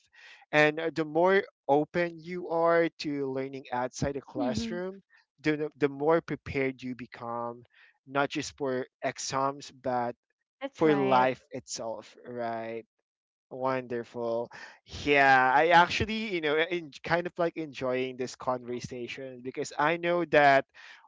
And uh, the more open you are to learning outside the
Mm-hmm.
classroom, the, the more prepared you become, not just for exams but
That's
for
right.
life itself, right? Wonderful. Yeah, I actually, you know, in, kind of like enjoying this conversation because I know that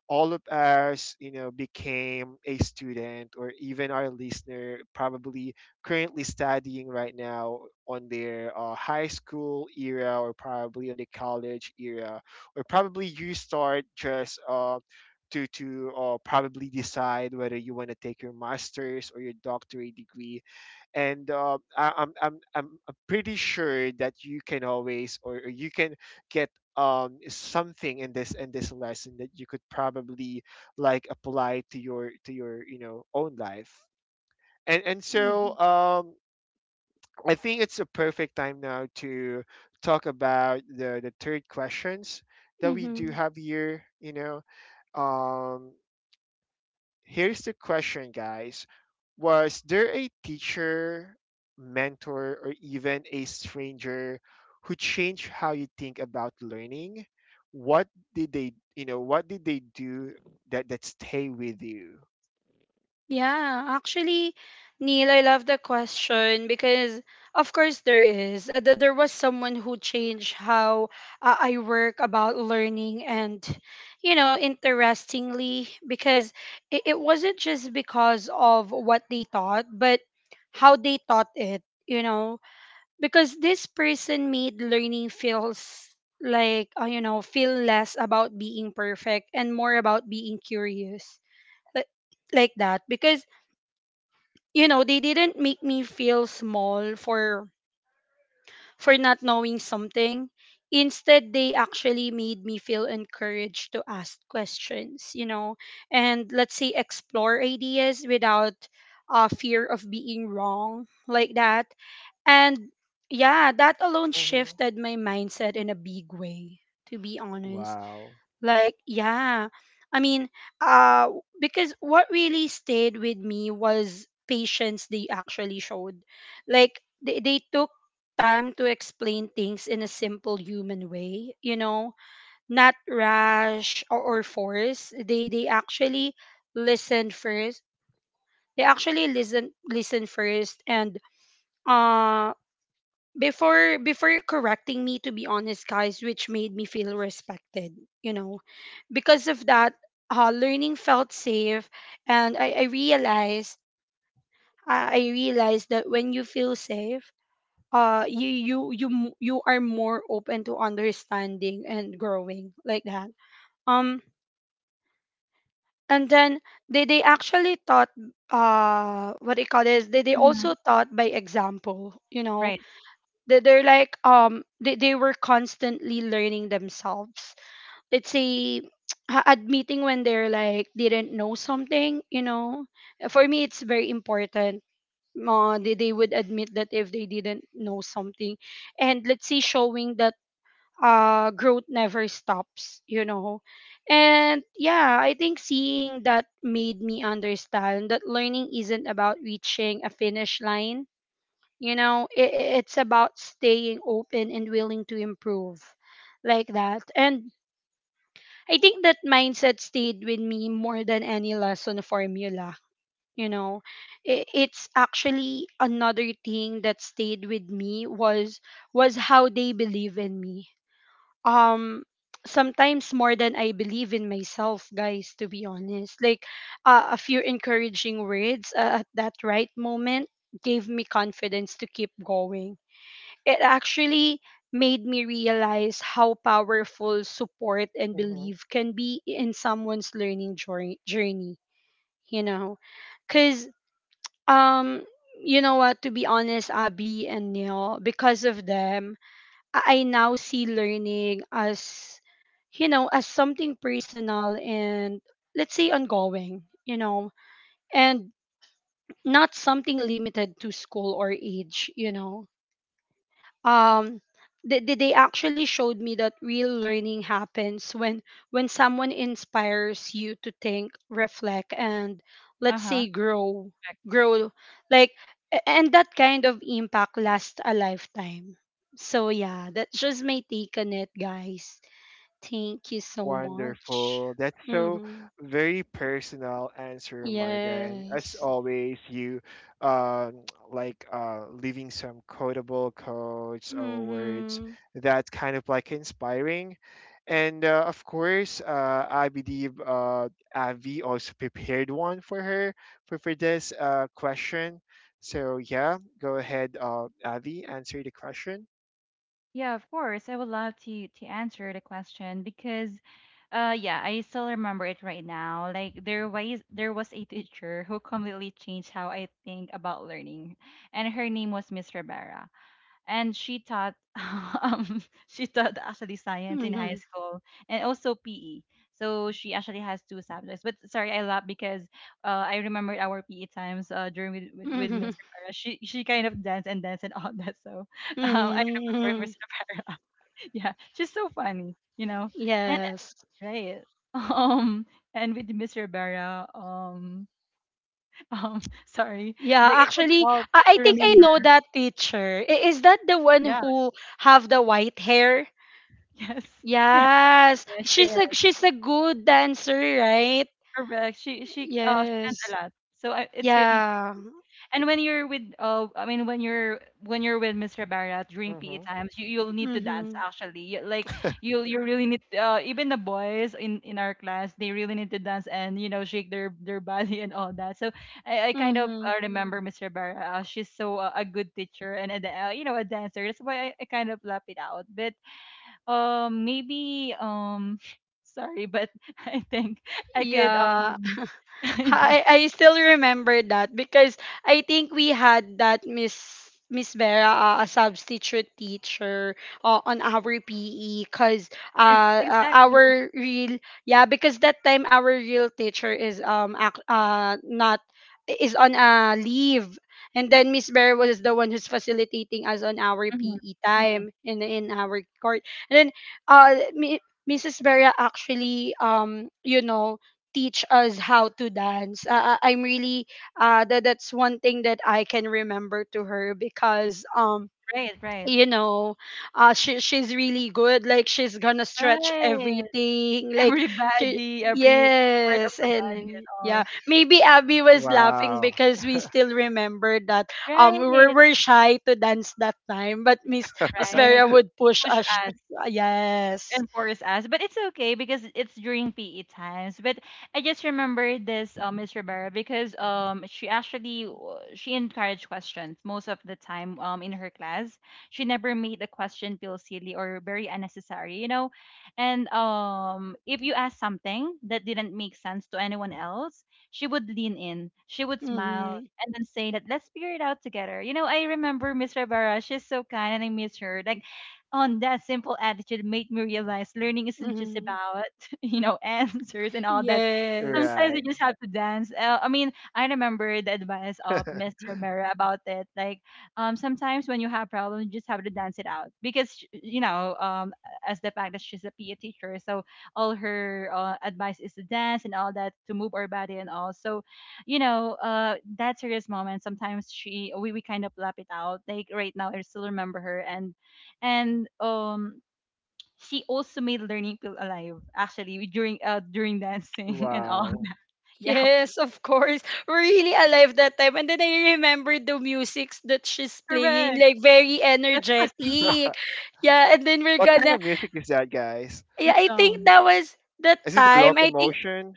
all of us, you know, became a student, or even our listener probably currently studying right now on their uh, high school era or probably on the college era, or probably you start just uh, to to uh, probably decide whether you want to take your master's or your doctorate degree. And uh, I, I'm I'm I'm pretty sure that you can always, or, or you can get um something in this, in this lesson that you could probably like apply to your, to your, you know, own life. And and
Mm-hmm.
so um I think it's a perfect time now to talk about the the third questions that we do
Mm-hmm.
have here, you know. um Here's the question, guys. Was there a teacher, mentor, or even a stranger who changed how you think about learning? What did they, you know, what did they do that that stay with you?
Yeah, actually, Neil, I love the question because, of course, there is. Uh, th- there was someone who changed how uh, I work about learning, and, you know, interestingly, because it, it wasn't just because of what they taught, but how they taught it, you know. Because this person made learning feels like, uh, you know, feel less about being perfect and more about being curious, like, like that. Because you know, they didn't make me feel small for for not knowing something. Instead, they actually made me feel encouraged to ask questions, you know, and let's say explore ideas without uh, fear of being wrong, like that. And yeah, that alone
Mm-hmm.
shifted my mindset in a big way, to be honest.
Wow.
Like, yeah, I mean, uh, because what really stayed with me was patience they actually showed. Like, they, they took time to explain things in a simple human way, you know, not rash or, or force. They, they actually listened first. They actually listen listen first and uh before before correcting me, to be honest, guys, which made me feel respected, you know. Because of that, uh, learning felt safe, and i, I realized, I, I realized that when you feel safe, uh you you you m- you are more open to understanding and growing, like that. Um and then they they actually taught, uh what they call this, they, they
Mm-hmm.
also taught by example, you know.
Right.
They- They're like um they, they were constantly learning themselves. Let's say ha- admitting when they're like didn't know something, you know. For me, it's very important. Uh, they, they would admit that if they didn't know something. And let's say showing that uh growth never stops, you know. And yeah, I think seeing that made me understand that learning isn't about reaching a finish line, you know. I It's about staying open and willing to improve, like that. And I think that mindset stayed with me more than any lesson formula. You know, I it's actually another thing that stayed with me was was how they believe in me. Um, Sometimes more than I believe in myself, guys. To be honest, like, uh, a few encouraging words uh, at that right moment gave me confidence to keep going. It actually made me realize how powerful support and belief can be in someone's learning jour- journey, you know. Because um you know what, to be honest, Abby and Neil, because of them, i I now see learning as, you know, as something personal and, let's say, ongoing, you know. And not something limited to school or age, you know. um they, they they actually showed me that real learning happens when when someone inspires you to think, reflect, and,
Uh
let's
huh.
say, grow, grow, like. A- and that kind of impact lasts a lifetime. So yeah, that's just my take on it, guys. Thank you so much.
Wonderful. That's so
Mm-hmm.
very personal answer, Marga. And as
Yes.
always, you um, like uh, leaving some quotable quotes or words
Mm-hmm.
that kind of like inspiring. And uh, of course, uh, I believe uh, Avi also prepared one for her for, for this uh, question. So yeah, go ahead, uh, Avi, answer the question.
Yeah, of course. I would love to to answer the question, because, uh, yeah, I still remember it right now. Like there was there was a teacher who completely changed how I think about learning. And her name was Miss Rivera and she taught um, she taught actually science in high
Mm-hmm.
school and also P E. So she actually has two subjects. But sorry, I laugh because uh, I remembered our P E times uh, during with, with, with
Mm-hmm.
Miss Rivera. She she kind of danced and danced and all that. So um, I remember
Hmm.
Miss Rivera. Yeah, she's so funny, you know. And
Yes.
right, um, and with Miss Rivera, um, um, sorry,
Yeah,
like I can't
actually,
help
I I
but to
think I
remember.
know that teacher. I- Is that the one
Yeah,
who have the white hair?
yes, yeah,
Yes,
yes, she
she's a she's a good dancer, right?
correct. She she uh she dance a
Yes.
lot. So I, it's really
Yeah.
fun. And when you're with uh I mean when you're when you're with Miss Rivera during P E
Mm-hmm.
times, you you'll need to dance
Mhm.
actually. You, like you you really need uh even the boys in in our class, they really need to dance and you know shake their their body and all that. So I, I kind of
Mhm.
uh, remember Miss Rivera. Uh, she's so uh, a good teacher and a da- uh, you know a dancer. That's why I, I kind of lap it out. But um, maybe um, sorry, but I think I could
Yeah.
um, yeah,
I I still remember that because I think we had that Miss Miss Vera, uh, a substitute teacher uh, on our P E, because
ex-
uh, uh
exactly.
our real, yeah, because that time our real teacher is um ac- uh not is on a leave. And then Miss Vera was the one who's facilitating us on our
Hmm,
P E
hmm,
time in in our court. And then uh Mi- Missus Vera actually, um you know, teach us how to dance. Uh, I- I'm really, uh, that that's one thing that I can remember to her, because um
right, right,
you know, uh she she's really good. Like, she's gonna stretch
right.
everything, like
Every
she.
body, every part of
Yes,
the body, and
and
all.
yeah, maybe Abby was laughing
Wow.
because we still remember that. Um we were,
Right,
were shy to dance that time, but Miss miss
right.
Vera would push
Push
us.
us.
Uh, yes.
And force us. But it's okay because it's during P E times. But I just remember this uh, Miss Rivera because um she actually w- she encouraged questions most of the time um in her class. She never made the question feel silly or very unnecessary, you know. And um if you ask something that didn't make sense to anyone else, she would lean in. She would smile
Mm-hmm.
and then say that let's figure it out together. You know, I remember Miss Rivera. She's so kind and I miss her. Like on that simple attitude made me realize learning isn't just
Mm-hmm.
about you know answers and all that.
Yes.
Sometimes you
Right.
just have to dance uh, I mean I remember the advice of Mr. Mera about it. Like um sometimes when you have problems you just have to dance it out because sh- you know um as the fact that she's a P E teacher, so all her uh, advice is to dance and all that, to move our body and all. So you know uh that serious moment sometimes she we, we kind of lap it out like right now I still remember her. And and um she also made learning feel alive actually during uh during dancing and all
Wow.
that. Yeah,
Yes, of course. We're really alive that time. And then I remember the musics that she's playing,
correct,
like very
that's
energetic.
Despacito,
Yeah, and then we're
What kind
gonna,
of music is that, guys?
yeah,
the
I think
song.
that was the
Is it the
time. I think
locomotion?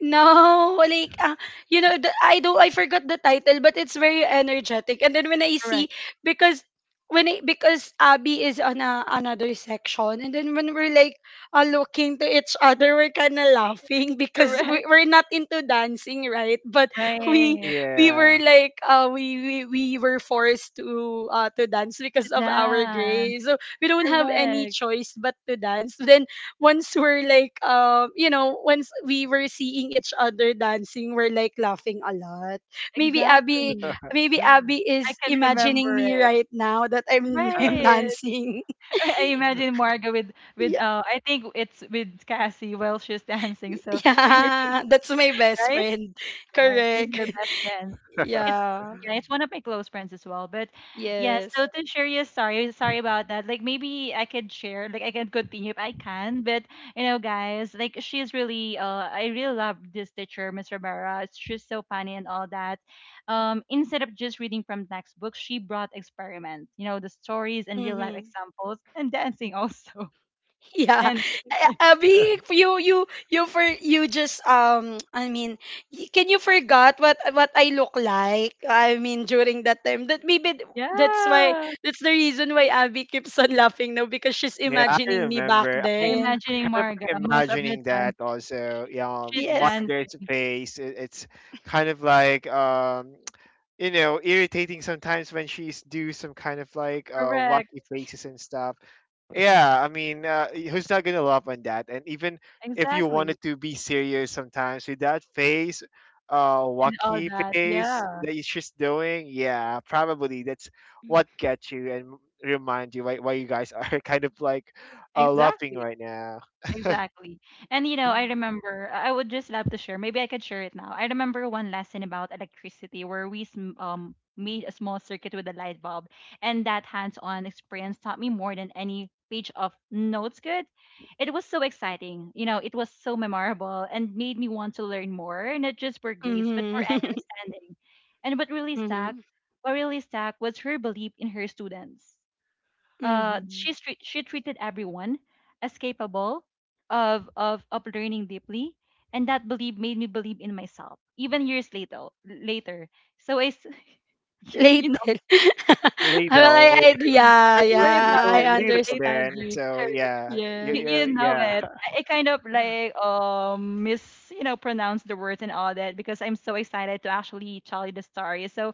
no, like, uh, you know, the, I don't, I forgot the title, but it's very energetic. And then when I see,
Correct,
because when I, because Abby is on a, another section, and then when we're like uh, looking to each other, we're kind of laughing because
correct,
we, we're not into dancing, right? But we
right,
we were
Yeah.
like uh we we, we were forced to uh to dance
to
because of our
dance,
grades. So we don't have any
correct,
choice but to dance. Then once we're like, um you know, once we were seeing each other dancing, we're like laughing a lot. Maybe abby
exactly.
maybe Abby
I
is
can
imagining
remember
me
it,
right now that i'm I'm
right.
dancing.
I imagine Marga with with
Yeah,
uh I think it's with Cassie while she's dancing, so I really
yeah, that's my best
right.
friend.
Yeah, she's
Correct.
your best friend. It's
Yeah.
yeah, it's one of my close friends as well. But yeah,
Yes.
so to share you, sorry, sorry about that. Like maybe I could share, like I can continue if I can. But you know, guys, like she's really, uh, I really love this teacher, Miss Rivera. She's so funny and all that. Um, instead of just reading from textbooks, she brought experiment. You know, the stories and real life
Mm-hmm.
examples and dancing also.
Yeah,
And
A- Abby, you you you for you just, um I mean, y- can you forgot what what I look like? I mean, during that time, that maybe th- that's why
yeah,
that's the reason why Abby keeps on laughing now, because she's
Yeah, I
imagining me back
remember. I
I'm
mean,
then.
imagining
I'm kind of
Marga
like
most of the
imagining
time.
that also. Yeah, um,
She's
Yes.
dancing.
Margaret's face. It, it's kind of like um you know irritating sometimes when she's do some kind of like uh
Correct.
wacky faces and stuff. Yeah, I mean, uh, who's not gonna love on that? And even if you
Exactly.
wanted to be serious sometimes with that face, uh
And all
wacky
that.
face
Yeah.
that you- she's doing, yeah probably that's what gets you and remind you why, why you guys are kind of like uh laughing
Exactly.
right now.
Exactly. And you know, I remember I I would just love to share. Maybe I could share it now. I remember one lesson about electricity where we sm- um made a small circuit with a light bulb, and that hands-on experience taught me more than any page of notes could. It was so exciting. You know, it was so memorable and made me want to learn more, not just for grades, but for
Mm-hmm.
understanding. And what really stuck,
Mm-hmm.
what really stuck was her belief in her students. Uh,
Mm-hmm.
she treat, she treated everyone as capable of of of learning deeply, and that belief made me believe in myself even years later. Later, so I s- you, see, you know
Later. Well,
Little
I, I
Corinne,
yeah,
you're
sorry about
yeah, I
little,
that. It's
little
later.
understand
then.
you.
So
Sorry.
yeah you
You,
you
you
Yes.
know
yeah.
it. I, I kind of like um mis you know pronounce the words and all that because I'm so excited to actually tell you the story. So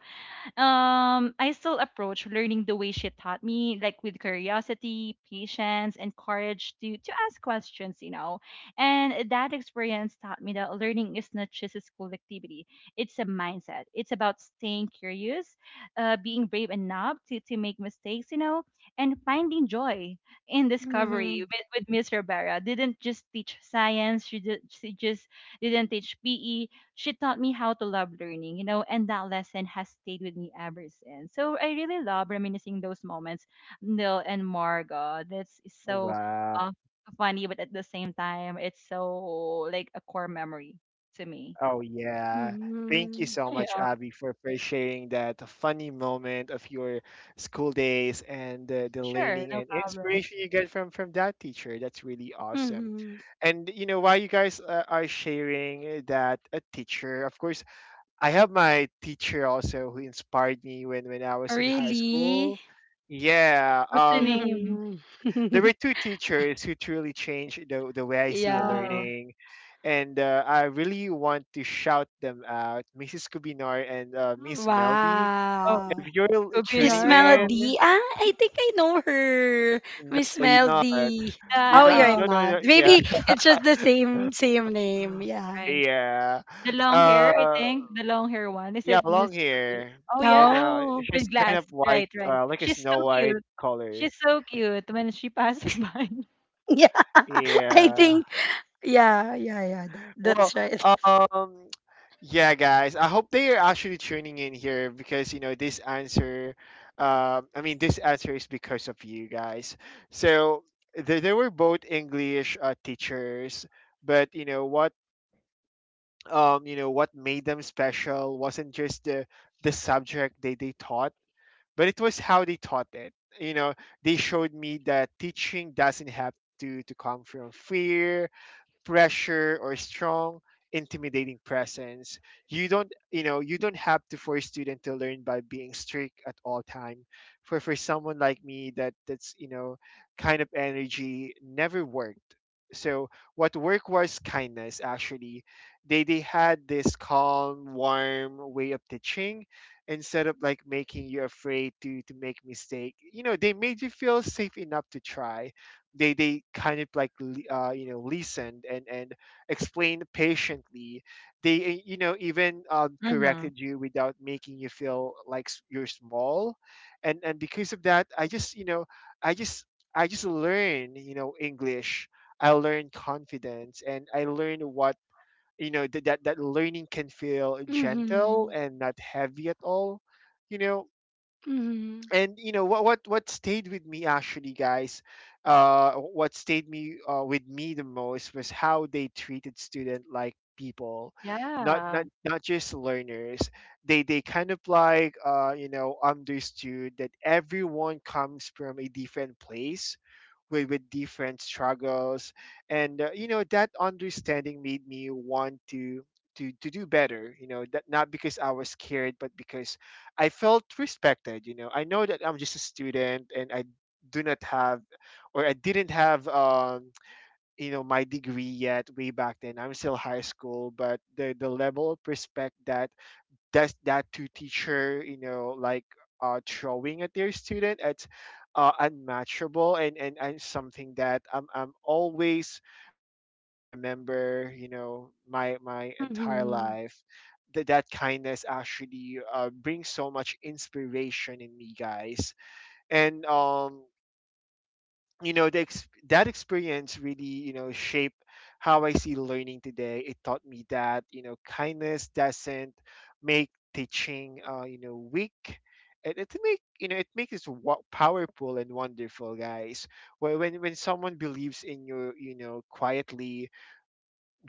um, I still approach learning the way she taught me, like with curiosity, patience, and courage to to ask questions, you know. And that experience taught me that learning is not just a school activity; it's a mindset. It's about staying curious, uh, being brave enough to to make mistakes, you know, and finding joy in discovery.
Mm-hmm.
With, with Miss Rivera, didn't just teach science; she did, she just didn't teach P E, she taught me how to love learning, you know, and that lesson has stayed with me ever since. So I really love reminiscing those moments, Neil and Margot. That's so
Wow.
uh, funny, but at the same time, it's so like a core memory to me.
Oh, yeah. Thank you
Mm-hmm.
so much,
Yeah,
Abby, for, for sharing that funny moment of your school days and the, the
sure,
learning
no
and
problem.
inspiration you get from, from that teacher. That's really awesome.
Mm-hmm.
And, you know, while you guys uh, are sharing that a teacher, of course, I have my teacher also who inspired me when, when I was in high
Really?
school. Yeah.
What's the
Um,
name?
Mhm.
there were two teachers who truly changed the, the way I see
Oh,
Yeah.
learning, and uh, I really want to shout them out, Missus Kubinar and uh, Miss Meldy.
oh,
If
Wow.
you're l-
Miss
tuning
Kubinar. Oh,
in,
Melody. Ah, I think I know her.
no,
Miss
you're not.
Melody.
the
You're
Oh,
not. You
you're
uh,
don't know. You're
mad.
not- Yeah,
Maybe it's just the same same name. Yeah.
right,
yeah.
the long hair. I
Uh,
think the long hair one. Is
yeah,
it
long
Miss Kubi?
hair,
Oh yeah.
and uh,
Oh.
she's
With glass.
kind of white,
Right, right.
uh, like a
She's
Snow
so
White
cute.
color.
She's so cute when she passed by.
Yeah, I
Yeah.
think. Yeah, yeah, yeah. That,
Well,
that's right.
um, yeah, guys. I hope they are actually tuning in here because you know this answer. Uh, I mean, this answer is because of you guys. So they, they were both English uh, teachers, but you know what? Um, you know what made them special wasn't just the the subject they they taught, but it was how they taught it. You know, they showed me that teaching doesn't have to to come from fear, pressure, or strong intimidating presence. You don't, you know, you don't have to force student to learn by being strict at all time. for for someone like me, that, that's, you know, kind of energy never worked. So what worked was kindness, actually. they they had this calm warm way of teaching. Instead of like making you afraid to to make mistake, you know, they made you feel safe enough to try. they they kind of like li- uh, you know listened and and explained patiently. They, uh, you know, even um,
Mm-hmm.
corrected you without making you feel like s- you're small. and and because of that, I just, you know, I just, I just learn, you know, English. I learned confidence and I learned what, you know, that, that, that learning can feel
Mhm.
gentle and not heavy at all, you know.
Mhm.
And you know what what what stayed with me actually, guys, uh what stayed me, uh, with me the most was how they treated student like people, not,
Yeah,
not, not just learners. they they kind of like uh you know understood that everyone comes from a different place, with, with different struggles. And uh, you know that understanding made me want to, to, to do better, you know, that not because I was scared but because I felt respected. You know, I know that I'm just a student and I do not have, or I didn't have, um you know, my degree yet way back then, I'm still high school. But the the level of respect that does that to teacher, you know, like uh, throwing at their student, it's uh, unmatchable, and, and and something that I'm, I'm always gonna like remember, you know, my my entire
Mhm.
life. That, that kindness actually uh, brings so much inspiration in me, guys. And um you know the ex- that experience really, you know, shaped how I see learning today. It taught me that, you know, kindness doesn't make teaching, uh, you know, weak. it, it make, you know, it makes it wo- powerful and wonderful guys. when, when when someone believes in you, you know, quietly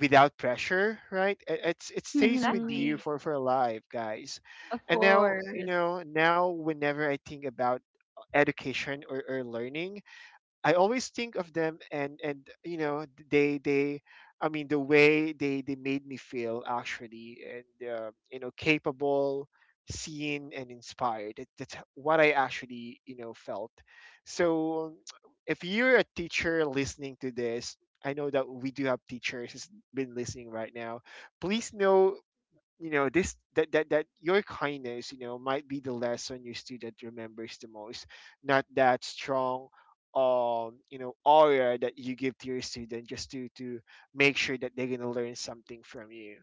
without pressure, right, it, it's it stays with you
Mhm.
exactly.
for for life, guys.
Of
And now, you
course.
know, now whenever I think about education, or, or learning, I always think of them. and and you know, they they I mean the way they they made me feel actually, and uh, you know, capable, seen, and inspired, that, that's what I actually you know felt. So if you're a teacher listening to this, I know that we do have teachers who's been listening right now, please know, you know this, that, that, that your kindness, you know, might be the lesson your student remembers the most. Not that strong, um you know, aura that you give to your student just to to make sure that they're going to learn something from you.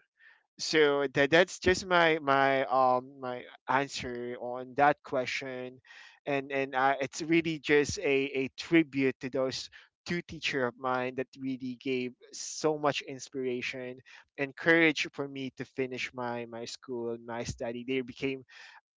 So that, that's just my, my, um my answer on that question. and and I, it's really just a a tribute to those two teacher of mine that really gave so much inspiration and courage for me to finish my, my school and my study. They became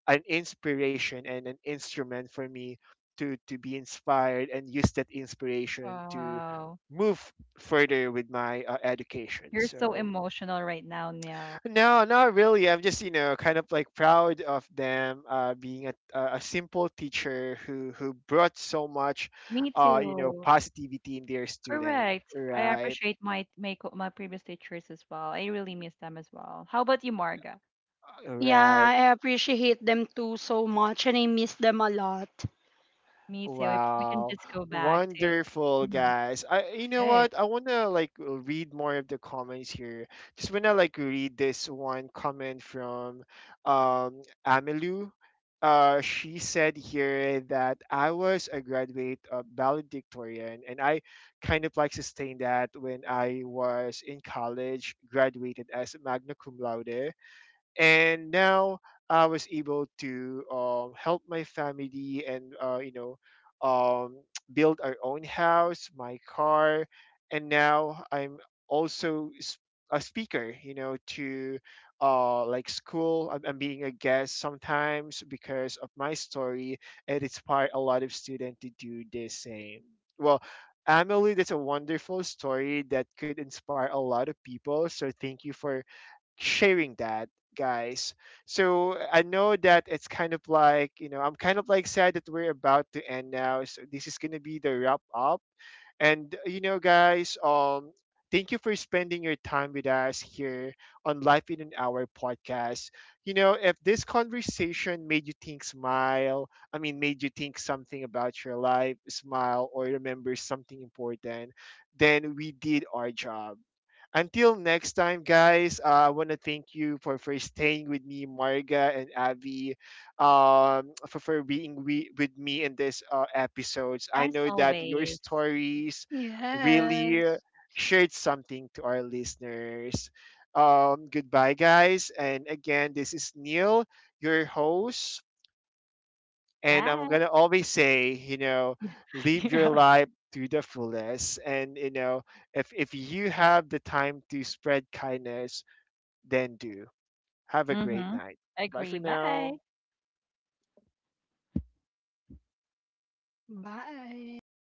an inspiration and an instrument for me to to be inspired and use that inspiration to
Wow.
move further with my uh, education.
You're so
So
emotional right now, Neil.
no, not really. I'm just, you know, kind of like proud of them, uh, being a, a a simple teacher who who brought so much,
Me
uh, you know,
too.
positivity in their student.
Correct. I
Right,
appreciate my my co- my previous teachers as well. I really miss them as well. How about you, Marga?
Yeah,
right.
I appreciate them too so much and I miss them a lot.
Me too. If we can
Wow.
just go back to
Wonderful,
mhm,
guys. I, you know
right.
what? I want to like read more of the comments here. Just want to like read this one comment from um Amelu. Uh, she said here that I was a graduate of valedictorian and I kind of like sustained that when I was in college, graduated as magna cum laude. And now I was able to um, help my family and uh, you know, um, build our own house, my car, and now I'm also s- a speaker. You know, to uh, like school, I'm, I'm being a guest sometimes because of my story, and it's inspired a lot of students to do the same. Well. Emily, that's a wonderful story that could inspire a lot of people. So thank you for sharing that, guys. So I know that it's kind of like, you know, I'm kind of like sad that we're about to end now, so this is gonna be the wrap up. And you know, guys, um thank you for spending your time with us here on Life in an Hour Podcast. You know, if this conversation made you think, smile, I mean made you think something about your life, smile or remember something important, then we did our job. Until next time, guys, uh, I want to thank you for, for staying with me, Marga and Avi, um, for, for being we, with me in this uh, episodes. I
As
know that your
always.
stories really
Yes.
shared something to our listeners. Um, goodbye, guys. And again, this is Neil, your host. And I'm
Bye.
gonna always say, you know, live your
Yeah.
life to the fullest. And you know, if if you have the time to spread kindness, then do. Have a great
Mm-hmm.
night. Bye
Agree.
for
Bye.
now.
Bye.